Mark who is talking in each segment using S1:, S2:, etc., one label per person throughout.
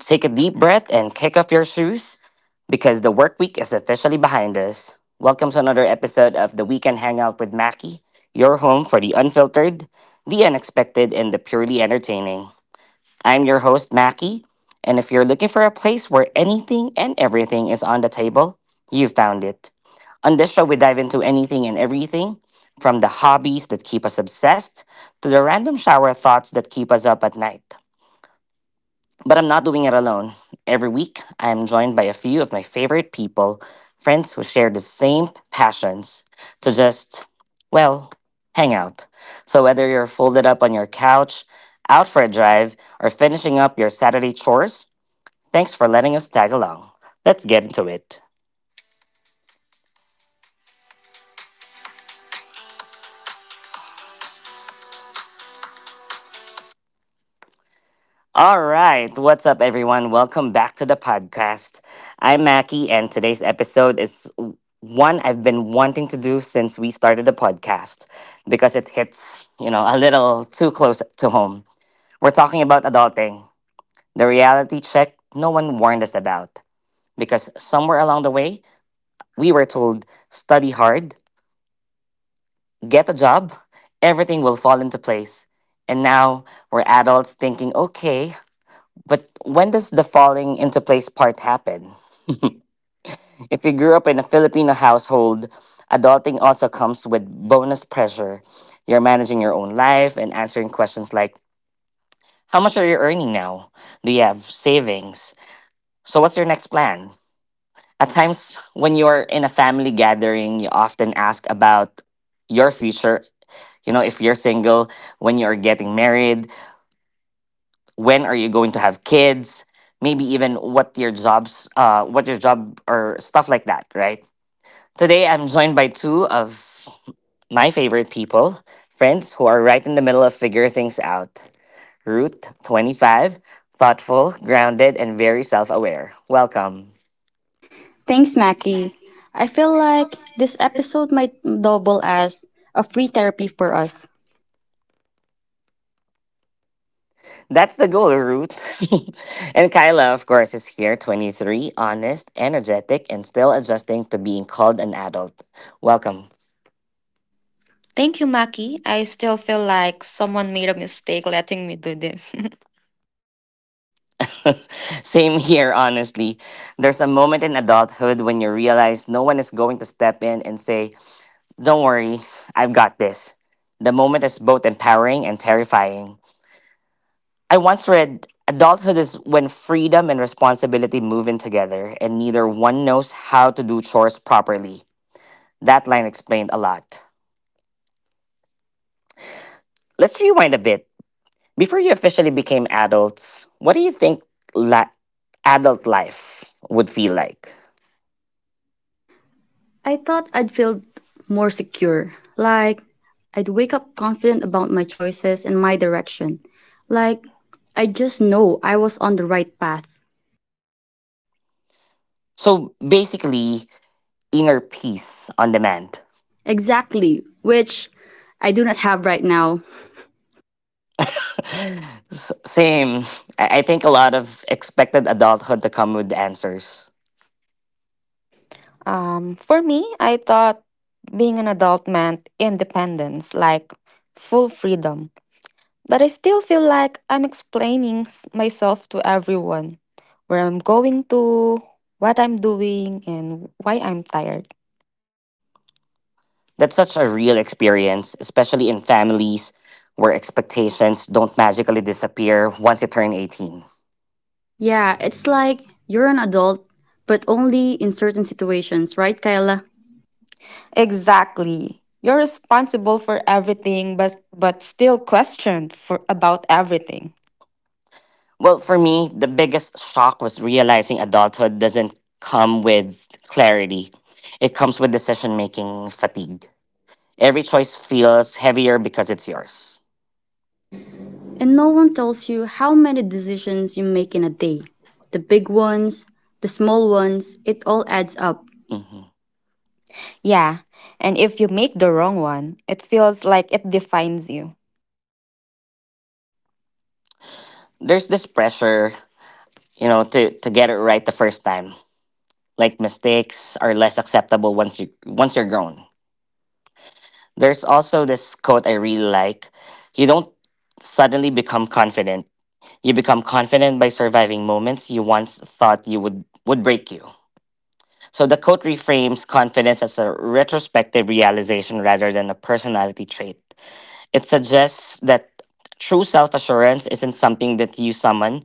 S1: Take a deep breath and kick off your shoes because the work week is officially behind us. Welcome to another episode of the Weekend Hangout with Mackie, your home for the unfiltered, the unexpected, and the purely entertaining. I'm your host, Mackie, and if you're looking for a place where anything and everything is on the table, you found it. On this show, we dive into anything and everything from the hobbies that keep us obsessed to the random shower thoughts that keep us up at night. But I'm not doing it alone. Every week, I am joined by a few of my favorite people, friends who share the same passions, to just, well, hang out. So whether you're folded up on your couch, out for a drive, or finishing up your Saturday chores, thanks for letting us tag along. Let's get into it. All right, what's up, everyone? Welcome back to the podcast. I'm Mackie, and today's episode is one I've been wanting to do since we started the podcast because it hits, you know, a little too close to home. We're talking about adulting, the reality check no one warned us about, because somewhere along the way, we were told study hard, get a job, everything will fall into place. And now we're adults thinking, okay, but when does the falling into place part happen? If you grew up in a Filipino household, adulting also comes with bonus pressure. You're managing your own life and answering questions like, how much are you earning now? Do you have savings? So, what's your next plan? At times, when you're in a family gathering, you often ask about your future. You know, if you're single, when you're getting married, when are you going to have kids, maybe even what your jobs what your job, or stuff like that, right? Today I'm joined by two of my favorite people, friends who are right in the middle of figure things out. Ruth, 25, thoughtful, grounded, and very self-aware. Welcome.
S2: Thanks, Mackie. I feel like this episode might double as a free therapy for us.
S1: That's the goal, Ruth. And Kyla, of course, is here, 23, honest, energetic, and still adjusting to being called an adult. Welcome.
S3: Thank you, Maki. I still feel like someone made a mistake letting me do this.
S1: Same here, honestly. There's a moment in adulthood when you realize no one is going to step in and say, don't worry, I've got this. The moment is both empowering and terrifying. I once read, adulthood is when freedom and responsibility move in together, and neither one knows how to do chores properly. That line explained a lot. Let's rewind a bit. Before you officially became adults, what do you think la- adult life would feel like?
S2: I thought I'd feel more secure. Like, I'd wake up confident about my choices and my direction. Like, I just know I was on the right path.
S1: So basically, inner peace on demand.
S2: Exactly, which I do not have right now.
S1: Same. I think a lot of expected adulthood to come with answers.
S3: For me, I thought being an adult meant independence, like full freedom. But I still feel like I'm explaining myself to everyone, where I'm going to, what I'm doing, and why I'm tired.
S1: That's such a real experience, especially in families where expectations don't magically disappear once you turn 18.
S2: Yeah, it's like you're an adult, but only in certain situations, right, Kyla?
S3: Exactly. You're responsible for everything, but still questioned for, about everything.
S1: Well, for me, the biggest shock was realizing adulthood doesn't come with clarity. It comes with decision making fatigue. Every choice feels heavier because it's yours.
S2: And no one tells you how many decisions you make in a day. The big ones, the small ones, it all adds up.
S1: Mhm.
S3: Yeah, and if you make the wrong one, it feels like it defines you.
S1: There's this pressure, you know, to get it right the first time. Like mistakes are less acceptable once you once you're grown. There's also this quote I really like. You don't suddenly become confident. You become confident by surviving moments you once thought you would break you. So the quote reframes confidence as a retrospective realization rather than a personality trait. It suggests that true self-assurance isn't something that you summon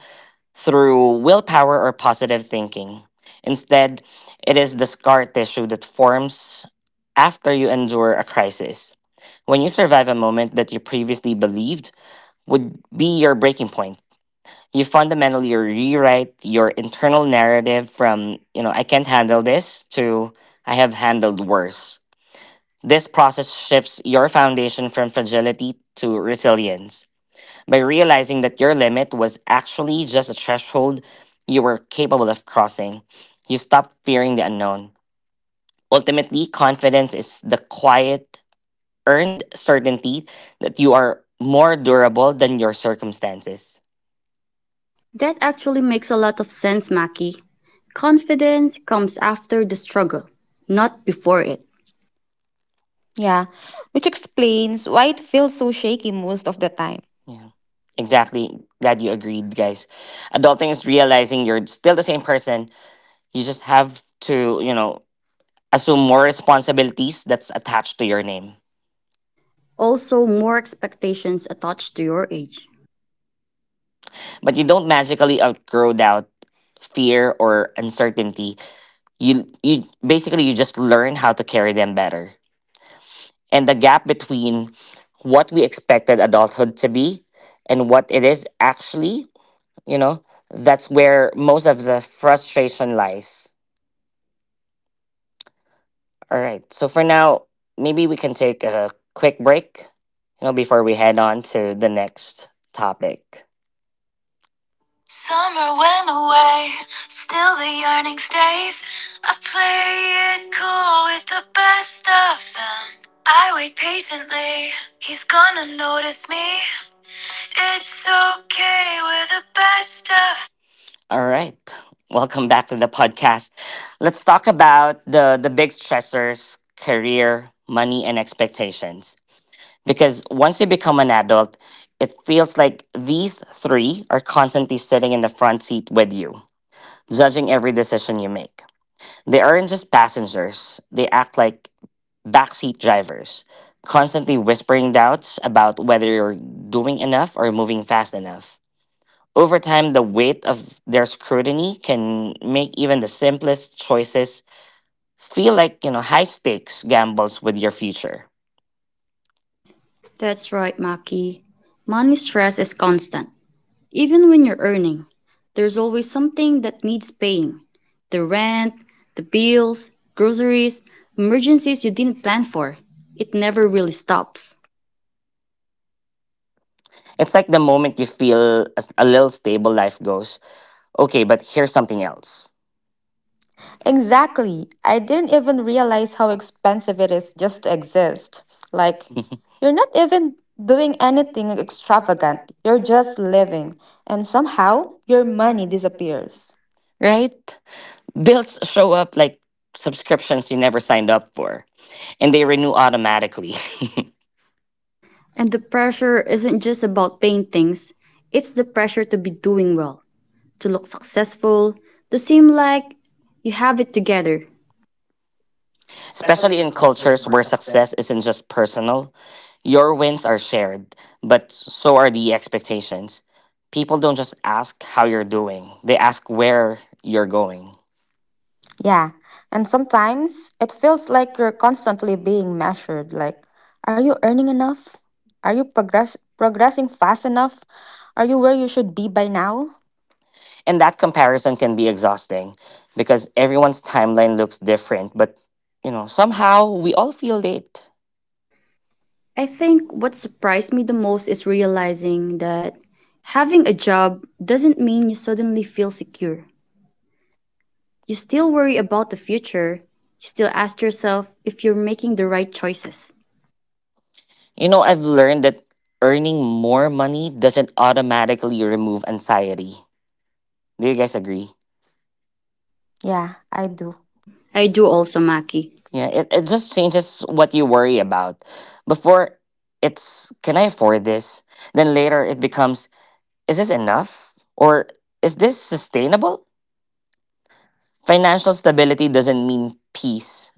S1: through willpower or positive thinking. Instead, it is the scar tissue that forms after you endure a crisis. When you survive a moment that you previously believed would be your breaking point, you fundamentally rewrite your internal narrative from, you know, I can't handle this, to I have handled worse. This process shifts your foundation from fragility to resilience. By realizing that your limit was actually just a threshold you were capable of crossing, you stopped fearing the unknown. Ultimately, confidence is the quiet, earned certainty that you are more durable than your circumstances.
S2: That actually makes a lot of sense, Maki. Confidence comes after the struggle, not before it.
S3: Yeah, which explains why it feels so shaky most of the time.
S1: Yeah. Exactly. Glad you agreed, guys. Adulting is realizing you're still the same person. You just have to, you know, assume more responsibilities that's attached to your name.
S2: Also, more expectations attached to your age.
S1: But you don't magically outgrow doubt, fear, or uncertainty. You basically, you just learn how to carry them better. And the gap between what we expected adulthood to be and what it is actually, you know, that's where most of the frustration lies. All right. So for now, maybe we can take a quick break, you know, before we head on to the next topic. Summer went away, still the yearning stays. I play it cool with the best of them. I wait patiently, he's gonna notice me. It's okay, we're the best of. All right, welcome back to the podcast. Let's talk about the big stressors, career, money, and expectations, because once you become an adult, it feels like these three are constantly sitting in the front seat with you, judging every decision you make. They aren't just passengers, they act like backseat drivers, constantly whispering doubts about whether you're doing enough or moving fast enough. Over time, the weight of their scrutiny can make even the simplest choices feel like, you know, high stakes gambles with your future.
S2: That's right, Maki. Money stress is constant. Even when you're earning, there's always something that needs paying the rent, the bills, groceries, emergencies you didn't plan for. It never really stops.
S1: It's like the moment you feel as a little stable, life goes, okay, but here's something else.
S3: Exactly. I didn't even realize how expensive it is just to exist. Like, you're not even doing anything extravagant, you're just living, and somehow your money disappears.
S1: Right? Bills show up like subscriptions you never signed up for, and they renew automatically.
S2: And the pressure isn't just about paying things, it's the pressure to be doing well, to look successful, to seem like you have it together.
S1: Especially in cultures where success isn't just personal, your wins are shared, but so are the expectations. People don't just ask how you're doing, they ask where you're going.
S3: Yeah. And sometimes it feels like you're constantly being measured. Like, are you earning enough? Are you progressing fast enough? Are you where you should be by now?
S1: And that comparison can be exhausting, because everyone's timeline looks different, but you know, somehow we all feel late.
S2: I think what surprised me the most is realizing that having a job doesn't mean you suddenly feel secure. You still worry about the future. You still ask yourself if you're making the right choices.
S1: You know, I've learned that earning more money doesn't automatically remove anxiety. Do you guys agree?
S3: Yeah, I do.
S2: I do also, Maki.
S1: Yeah, it just changes what you worry about. Before it's, can I afford this? Then later it becomes, is this enough? Or is this sustainable? Financial stability doesn't mean peace.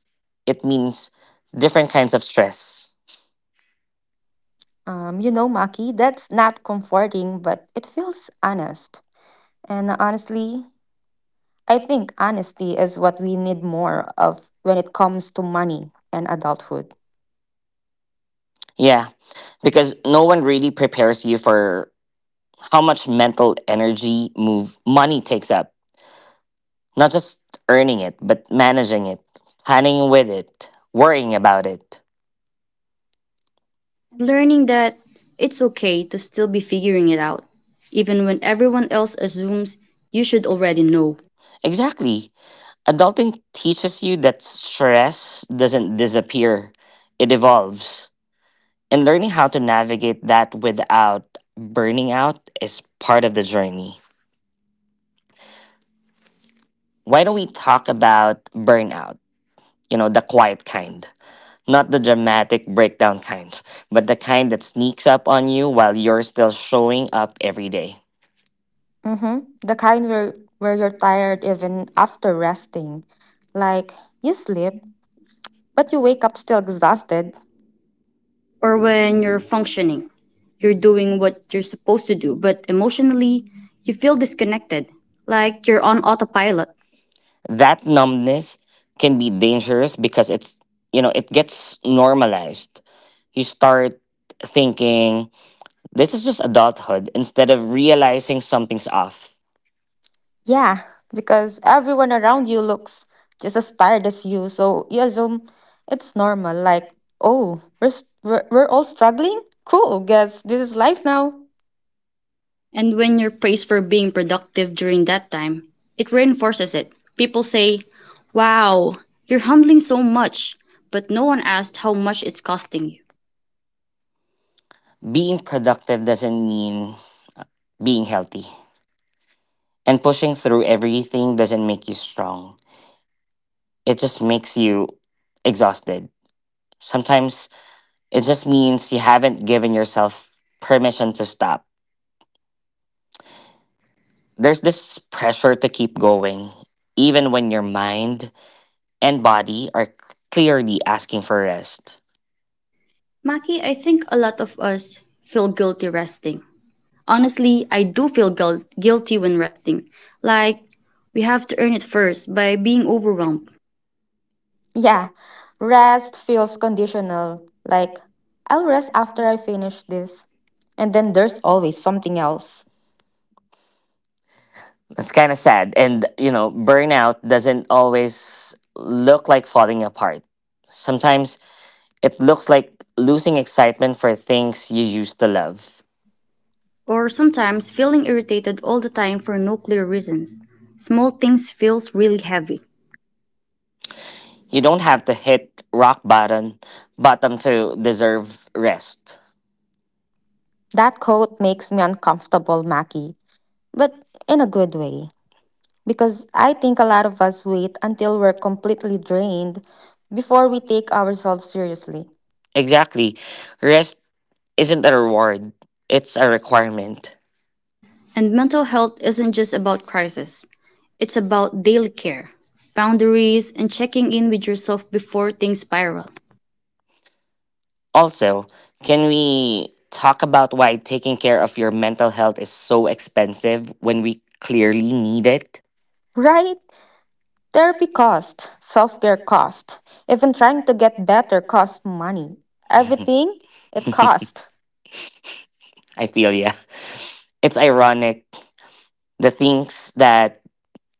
S1: It means different kinds of stress.
S3: You know, Maki, that's not comforting, but it feels honest. And honestly, I think honesty is what we need more of when it comes to money and adulthood.
S1: Yeah, because no one really prepares you for how much mental energy move money takes up. Not just earning it, but managing it, planning with it, worrying about it.
S2: And learning that it's okay to still be figuring it out, even when everyone else assumes you should already know.
S1: Exactly. Adulting teaches you that stress doesn't disappear, it evolves. And learning how to navigate that without burning out is part of the journey. Why don't we talk about burnout? You know, the quiet kind, not the dramatic breakdown kind, but the kind that sneaks up on you while you're still showing up every day.
S3: Mm-hmm. The kind where you're tired even after resting. Like, you sleep, but you wake up still exhausted.
S2: Or when you're functioning, you're doing what you're supposed to do, but emotionally, you feel disconnected, like you're on autopilot.
S1: That numbness can be dangerous, because it's, you know, it gets normalized. You start thinking, this is just adulthood, instead of realizing something's off.
S3: Yeah, because everyone around you looks just as tired as you, so you assume it's normal. Like, oh, we're all struggling? Cool, guess this is life now.
S2: And when you're praised for being productive during that time, it reinforces it. People say, Wow, you're handling so much, but no one asked how much it's costing you.
S1: Being productive doesn't mean uh, being healthy. And pushing through everything doesn't make you strong. It just makes you exhausted. Sometimes it just means you haven't given yourself permission to stop. There's this pressure to keep going, even when your mind and body are clearly asking for rest.
S2: Maki, I think a lot of us feel guilty resting. Honestly, I do feel guilty when resting. Like, we have to earn it first by being overwhelmed,
S3: Yeah, rest feels conditional. Like, I'll rest after I finish this. And then there's always something else.
S1: That's kind of sad. And, you know, burnout doesn't always look like falling apart. Sometimes it looks like losing excitement for things you used to love.
S2: or sometimes feeling irritated all the time for no clear reasons. Small things feels really heavy.
S1: You don't have to hit rock bottom bottom to deserve rest.
S3: That quote makes me uncomfortable, Mackie, but in a good way. Because I think a lot of us wait until we're completely drained before we take ourselves seriously.
S1: Exactly. Rest isn't a reward, it's a requirement.
S2: And mental health isn't just about crisis, it's about daily care, boundaries, and checking in with yourself before things spiral.
S1: Also, can we talk about why taking care of your mental health is so expensive when we clearly need it?
S3: Right? Therapy costs, self care costs, even trying to get better costs money. Everything, it costs.
S1: I feel, yeah. It's ironic. The things that,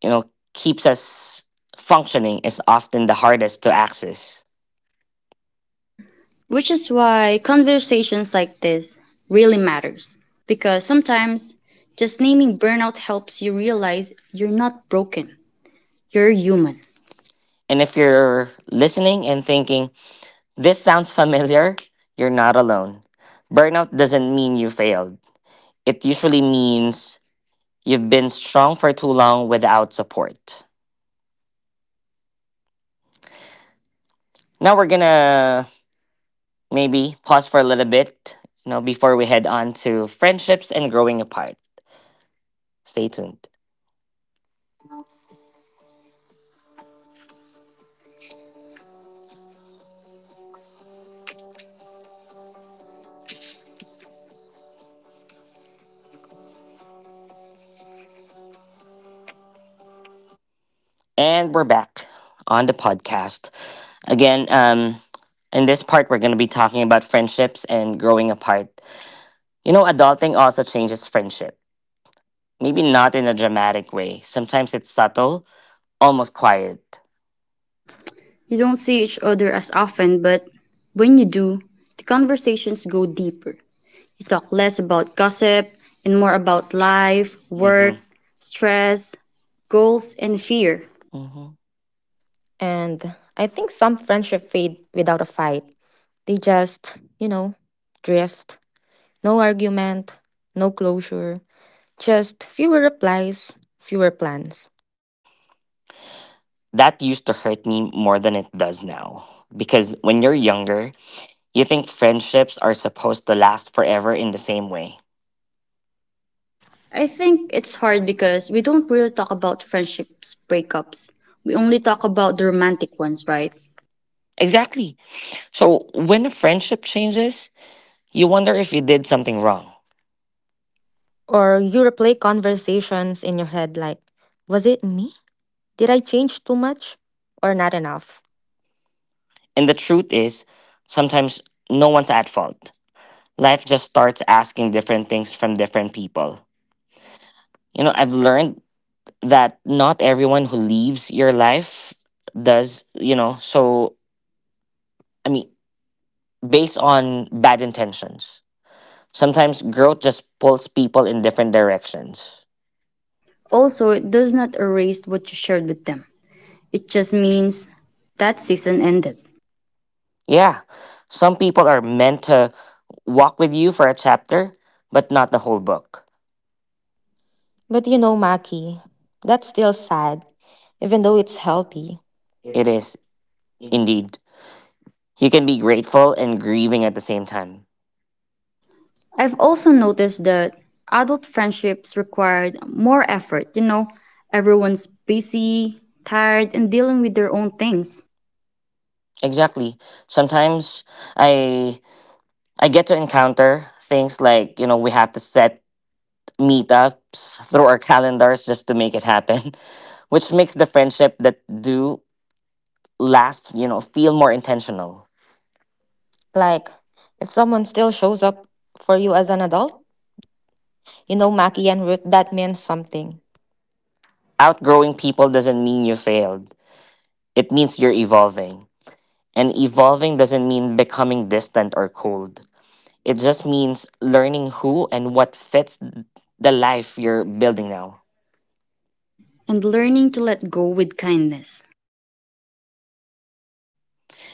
S1: you know, keeps us functioning is often the hardest to access.
S2: Which is why conversations like this really matters because sometimes just naming burnout helps you realize you're not broken. You're human.
S1: And if you're listening and thinking, this sounds familiar, you're not alone. Burnout doesn't mean you failed, it usually means you've been strong for too long without support. Now we're gonna maybe pause for a little bit, you know, before we head on to friendships and growing apart. Stay tuned. And we're back on the podcast. Again, in this part, we're going to be talking about friendships and growing apart. You know, adulting also changes friendship. Maybe not in a dramatic way. Sometimes it's subtle, almost quiet.
S2: You don't see each other as often, but when you do, the conversations go deeper. He talked less about gossip and more about life,
S1: Hmm.
S2: work, stress, goals, and fear.
S1: Hmm.
S3: And I think some friendship fade without a fight. They just, you know, drift. No argument, no closure, just fewer replies, fewer plans.
S1: That used to hurt me more than it does now. Because when you're younger, you think friendships are supposed to last forever in the same way.
S2: I think it's hard because we don't really talk about friendships breakups. We only talk about the romantic ones, right?
S1: Exactly. So when a friendship changes, you wonder if you did something wrong.
S3: Or you replay conversations in your head like, was it me? Did I change too much or not enough?
S1: And the truth is, sometimes no one's at fault. Life just starts asking different things from different people. You know, I've learned that not everyone who leaves your life does, you know. So, I mean, based on bad intentions, sometimes growth just pulls people in different directions.
S2: Also, it does not erase what you shared with them. It just means that season ended.
S1: Yeah, some people are meant to walk with you for a chapter, but not the whole book.
S3: But you know, Maki, that's still sad, even though it's healthy.
S1: It is indeed. You can be grateful and grieving at the same time.
S2: I've also noticed that adult friendships required more effort. You know, everyone's busy, tired, and dealing with their own things.
S1: Exactly. Sometimes I I get to encounter things like, you know, we have to set meetups through our calendars just to make it happen, which makes the friendship that do last, you know, feel more intentional.
S3: Like, if someone still shows up for you as an adult, you know, Maki and Ruth, that means something.
S1: Outgrowing people doesn't mean you failed. It means you're evolving. And evolving doesn't mean becoming distant or cold. It just means learning who and what fits the life you're building now.
S2: And learning to let go with kindness.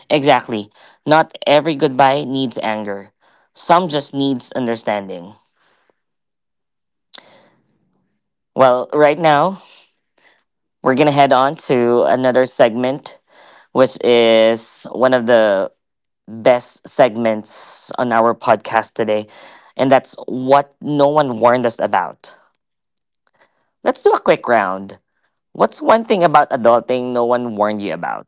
S1: Exactly. Not every goodbye needs anger. Some just needs understanding. Well, right now, we're going to head on to another segment which is one of the best segments on our podcast today. And that's what no one warned us about. Let's do a quick round. What's one thing about adulting no one warned you about?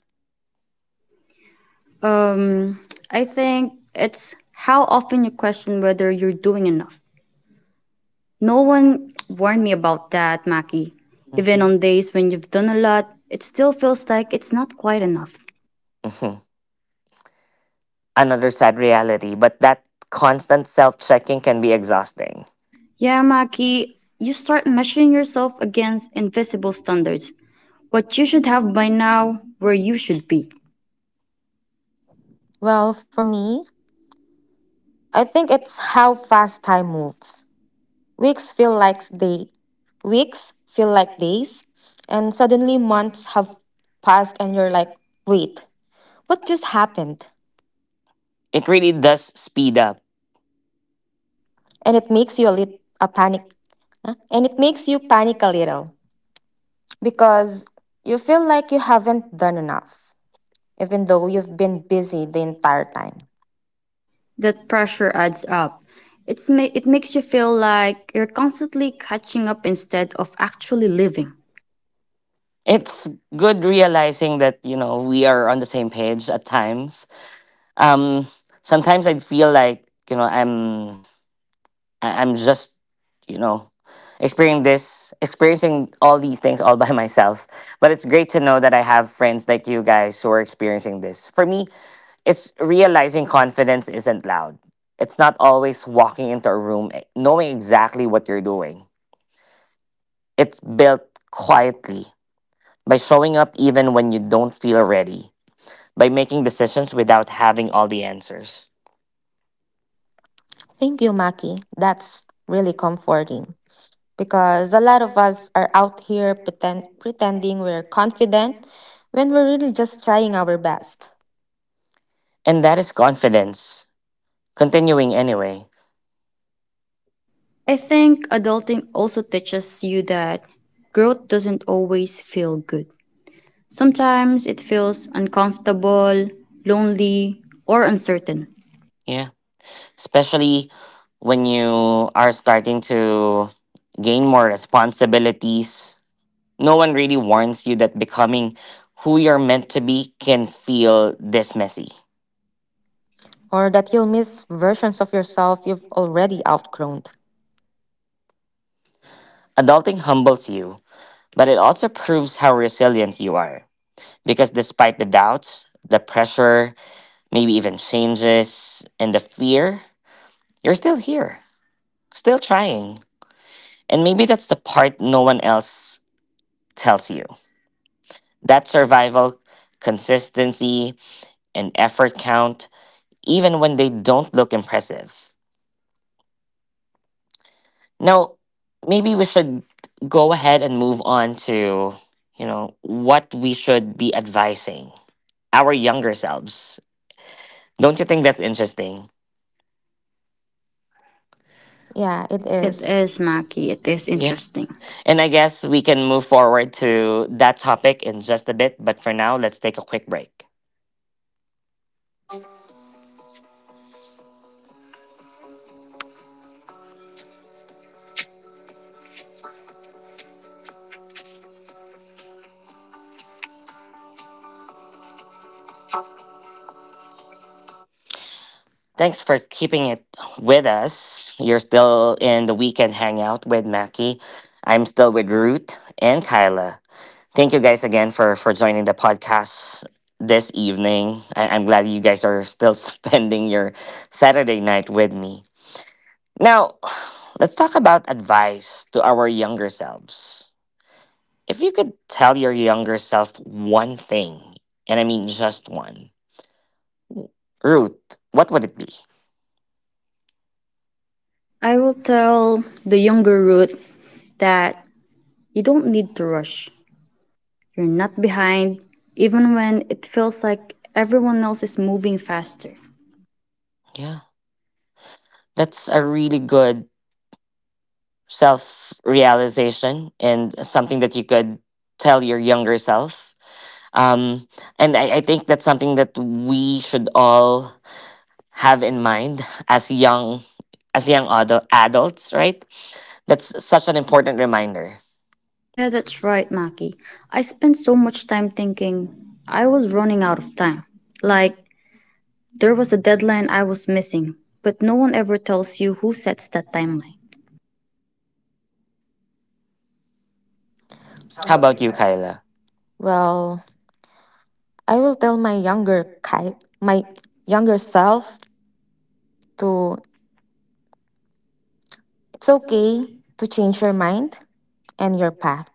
S2: Um, I think it's how often you question whether you're doing enough. No one warned me about that, Maki. Even
S1: Mhm.
S2: on days when you've done a lot, it still feels like it's not quite enough.
S1: Mhm. Another sad reality, but that constant self checking can be exhausting.
S2: Yeah, Maki, you start measuring yourself against invisible standards. What you should have by now, where you should be.
S3: Well, for me, I think it's how fast time moves. Weeks feel like day, Weeks feel like days, and suddenly months have passed, and you're like, wait, what just happened?
S1: It really does speed up.
S3: And it makes you a panic, huh? And it makes you panic a little. Because you feel like you haven't done enough, even though you've been busy the entire time.
S2: That pressure adds up. It makes you feel like you're constantly catching up instead of actually living.
S1: It's good realizing that, you know, we are on the same page at times. um Sometimes I'd feel like, you know, I'm just, you know, experiencing all these things all by myself, but it's great to know that I have friends like you guys who are experiencing this for me. It's realizing confidence isn't loud. It's not always walking into a room, knowing exactly what you're doing. It's built quietly, by showing up even when you don't feel ready, by making decisions without having all the answers.
S3: Thank you, Maki. That's really comforting because a lot of us are out here pretending we're confident when we're really just trying our best,
S1: And that is confidence continuing anyway.
S2: I think adulting also teaches you that growth doesn't always feel good. Sometimes it feels uncomfortable, lonely, or uncertain.
S1: Yeah. Especially when you are starting to gain more responsibilities. No one really warns you that becoming who you're meant to be can feel this messy.
S3: or that you'll miss versions of yourself you've already outgrown.
S1: Adulting humbles you, but it also proves how resilient you are. Because despite the doubts, the pressure, maybe even changes, and the fear, you're still here, still trying. And maybe that's the part no one else tells you. That survival, consistency, and effort count, even when they don't look impressive. Now, maybe we should go ahead and move on to, you know, what we should be advising our younger selves. Don't you think that's interesting?
S3: Yeah, it
S2: It is
S3: is.
S2: Maki, it is
S1: Yeah.
S2: interesting.
S1: And I guess we can move forward to that topic in just a bit, but for now, let's take a quick break. Thanks for keeping it with us. You're still in the Weekend Hangout with Mackie. I'm still with Root and Kyla. Thank you guys again for joining the podcast this evening. I'm glad you guys are still spending your Saturday night with me. Now, let's talk about advice to our younger selves. If you could tell your younger self one thing, and I mean just one, Root, what would it be?
S2: I will tell the younger Ruth that you don't need to rush. You're not behind, even when it feels like everyone else is moving faster.
S1: Yeah. That's a really good self realization and something that you could tell your younger self. Um, and I think that's something that we should all have in mind as young adults, right? That's such an important reminder.
S2: Yeah, that's right, Maki. I spent so much time thinking I was running out of time. Like, there was a deadline I was missing, but no one ever tells you who sets that timeline.
S1: How about you, Kyla?
S3: Well, I will tell my younger Kai, my younger self to, it's okay to change your mind and your path.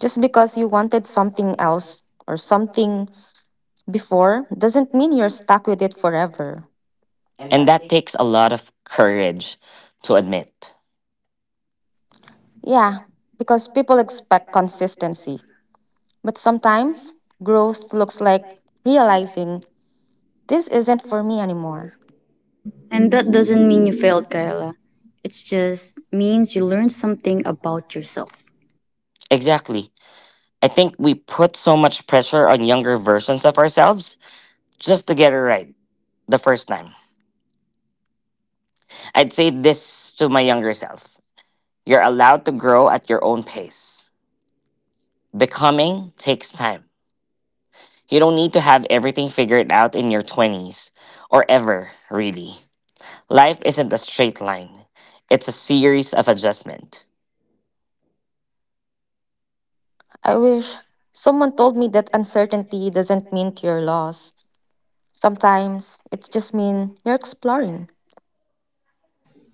S3: Just because you wanted something else or something before doesn't mean you're stuck with it forever.
S1: And that takes a lot of courage to admit.
S3: Yeah, because people expect consistency. But sometimes growth looks like realizing this isn't for me anymore.
S2: And that doesn't mean you failed, Kayla. It just means you learned something about yourself.
S1: Exactly. I think we put so much pressure on younger versions of ourselves just to get it right the first time. I'd say this to my younger self. You're allowed to grow at your own pace. Becoming takes time. You don't need to have everything figured out in your 20s, or ever, really. Life isn't a straight line, it's a series of adjustment.
S3: I wish someone told me that uncertainty doesn't mean to your loss. Sometimes it just means you're exploring.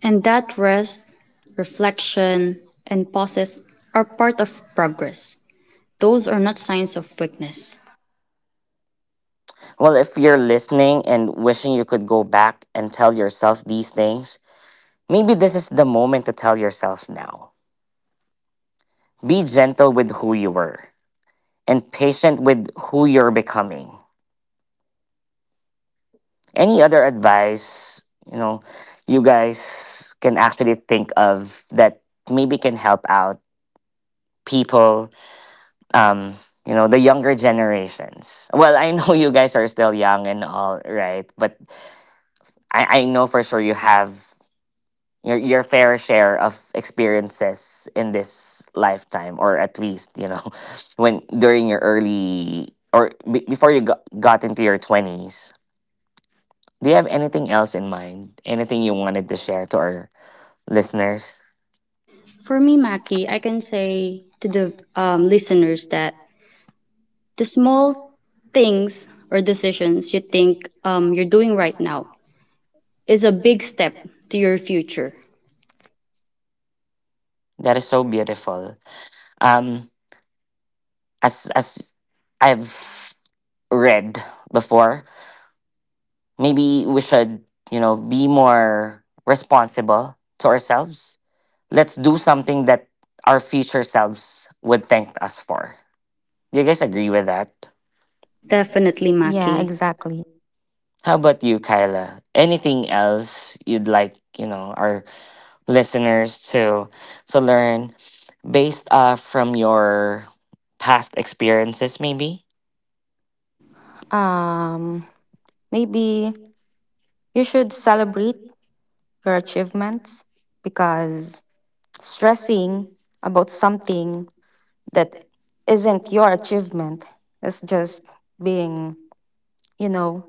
S2: And that rest, reflection, and pauses are part of progress. Those are not signs of weakness.
S1: Well, if you're listening and wishing you could go back and tell yourself these things, maybe this is the moment to tell yourself now. Be gentle with who you were and patient with who you're becoming. Any other advice, you know, you guys can actually think of that maybe can help out people, um, you know, the younger generations? Well, I know you guys are still young and all, right? But I know for sure you have your fair share of experiences in this lifetime, or at least, you know, when during your early, or before you got into your 20s. Do you have anything else in mind, anything you wanted to share to our listeners?
S2: For me, Maki, I can say to the listeners that the small things or decisions you think you're doing right now is a big step to your future.
S1: That is so beautiful. Um, as I've read before, maybe we should, you know, be more responsible to ourselves. Let's do something that our future selves would thank us for. Do you guys agree with that?
S2: Definitely, Maki.
S3: Yeah, exactly.
S1: How about you, Kyla? Anything else you'd like, you know, our listeners to learn based from your past experiences, maybe?
S3: Um, Maybe you should celebrate your achievements, because stressing about something that isn't your achievement is just being, you know,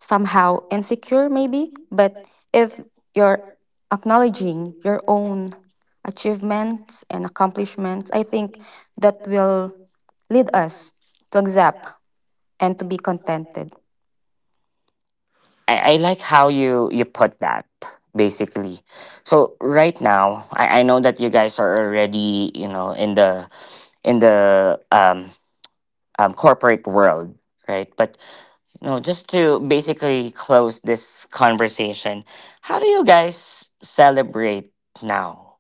S3: somehow insecure, maybe. But if you're acknowledging your own achievements and accomplishments, I think that will lead us to accept and to be contented.
S1: I like how you put that, basically. So right now, I know that you guys are already, you know, in the in the um, corporate world, right? But, you know, just to basically close this conversation, how do you guys celebrate now?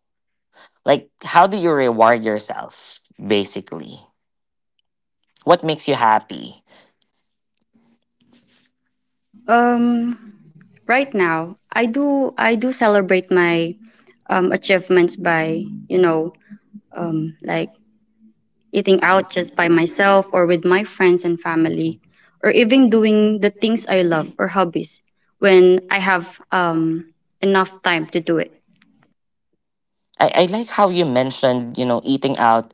S1: Like, how do you reward yourself, basically? What makes you happy?
S2: Um, right now, I do celebrate my achievements by you know like eating out just by myself or with my friends and family,
S1: Mhm.
S2: or even doing the things I love or hobbies when I have enough time to do it.
S1: I like how you mentioned, you know, eating out,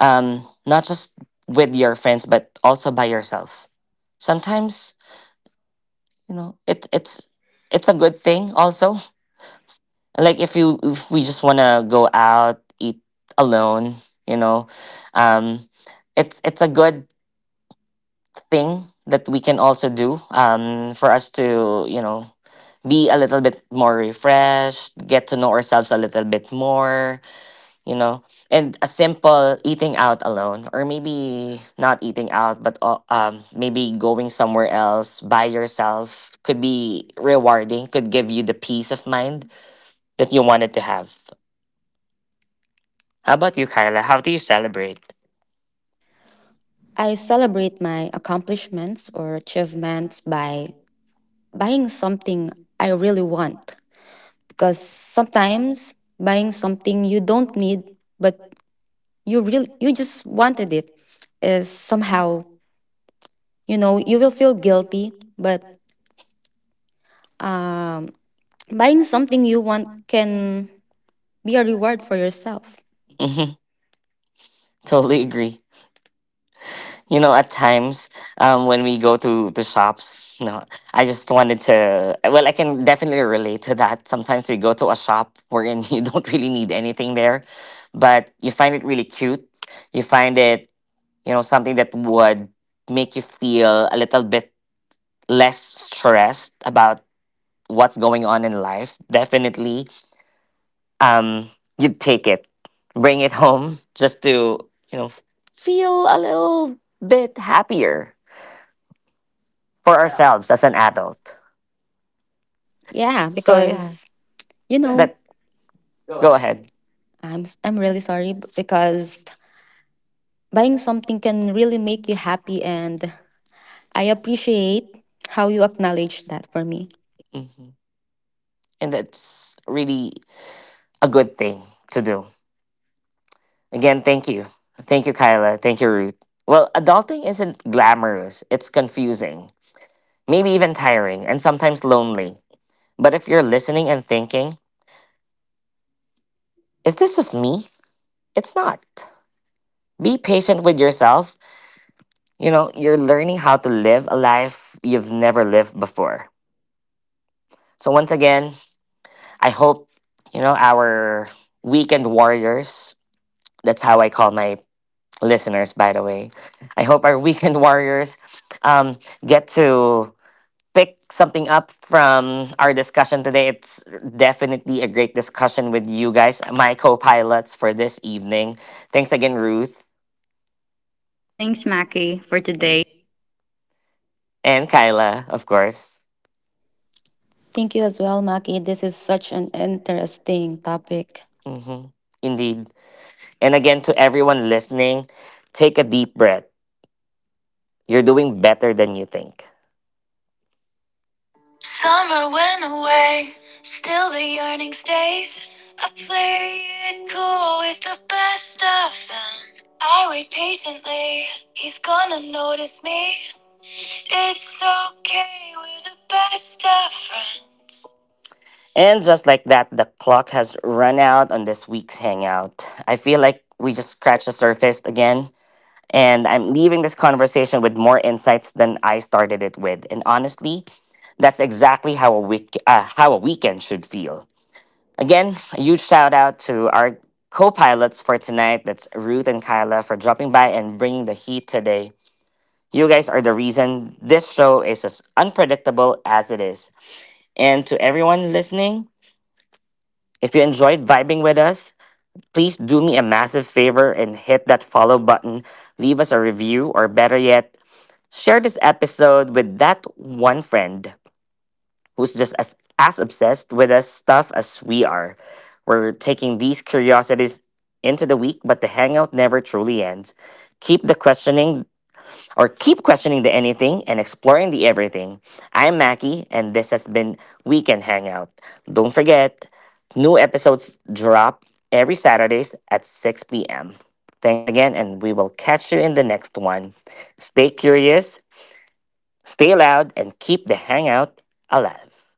S1: not just with your friends but also by yourself sometimes. You know, it's it's a good thing also, like, if you, if we just want to go out eat alone, you know, um it's a good thing that we can also do, for us to, you know, be a little bit more refreshed, get to know ourselves a little bit more, you know. And a simple eating out alone, or maybe not eating out, but maybe going somewhere else by yourself could be rewarding, could give you the peace of mind that you wanted to have. How about you, Kyla? How do you celebrate?
S3: I celebrate my accomplishments or achievements by buying something I really want. Because sometimes buying something you don't need, but you really, you just wanted it, is somehow, you know, you will feel guilty. But um buying something you want can be a reward for yourself.
S1: Totally agree. You know, at times, when we go to the shops, no, I just wanted to. Well, I can definitely relate to that. Sometimes we go to a shop wherein you don't really need anything there, but you find it really cute. You find it, you know, something that would make you feel a little bit less stressed about what's going on in life. Definitely, um, you'd take it, bring it home just to, you know, feel a little bit happier for ourselves as an adult.
S3: Yeah,
S1: So yeah,
S3: because, you know,
S1: that, go ahead.
S3: I'm really sorry because buying something can really make you happy, and I appreciate how you acknowledge that for me.
S1: Hmm. And that's really a good thing to do. Again, thank you. Thank you, Kyla. Thank you, Ruth. Well, adulting isn't glamorous. It's confusing, maybe even tiring, and sometimes lonely. But if you're listening and thinking, is this just me? It's not. Be patient with yourself. You know, you're learning how to live a life you've never lived before. So, once again, I hope, you know, our weekend warriors, that's how I call my listeners, by the way. I hope our weekend warriors, um, get to pick something up from our discussion today. It's definitely a great discussion with you guys, my co pilots for this evening. Thanks again, Ruth
S2: Thanks, Maki, for today.
S1: and Kyla, of course.
S3: Thank you as well, Maki. This is such an interesting topic.
S1: Hmm. Indeed. And again, to everyone listening, take a deep breath. You're doing better than you think. Summer went away, still the yearning stays. I play it cool with the best of them. I wait patiently, he's gonna notice me. It's okay, we're the best of friends. And just like that, the clock has run out on this week's hangout. I feel like we just scratched the surface again. And I'm leaving this conversation with more insights than I started it with. And honestly, that's exactly how a week how a weekend should feel. Again, a huge shout out to our co-pilots for tonight. That's Ruth and Kyla, for dropping by and bringing the heat today. You guys are the reason this show is as unpredictable as it is. And to everyone listening, if you enjoyed vibing with us, please do me a massive favor and hit that follow button, leave us a review, or better yet, share this episode with that one friend who's just as obsessed with us stuff as we are. We're taking these curiosities into the week, but the hangout never truly ends. Keep the questioning, or keep questioning the anything and exploring the everything. I'm Mackie, and this has been Weekend Hangout. Don't forget, new episodes drop every Saturdays at 6 p.m. Thanks again, and we will catch you in the next one. Stay curious, stay loud, and keep the hangout alive.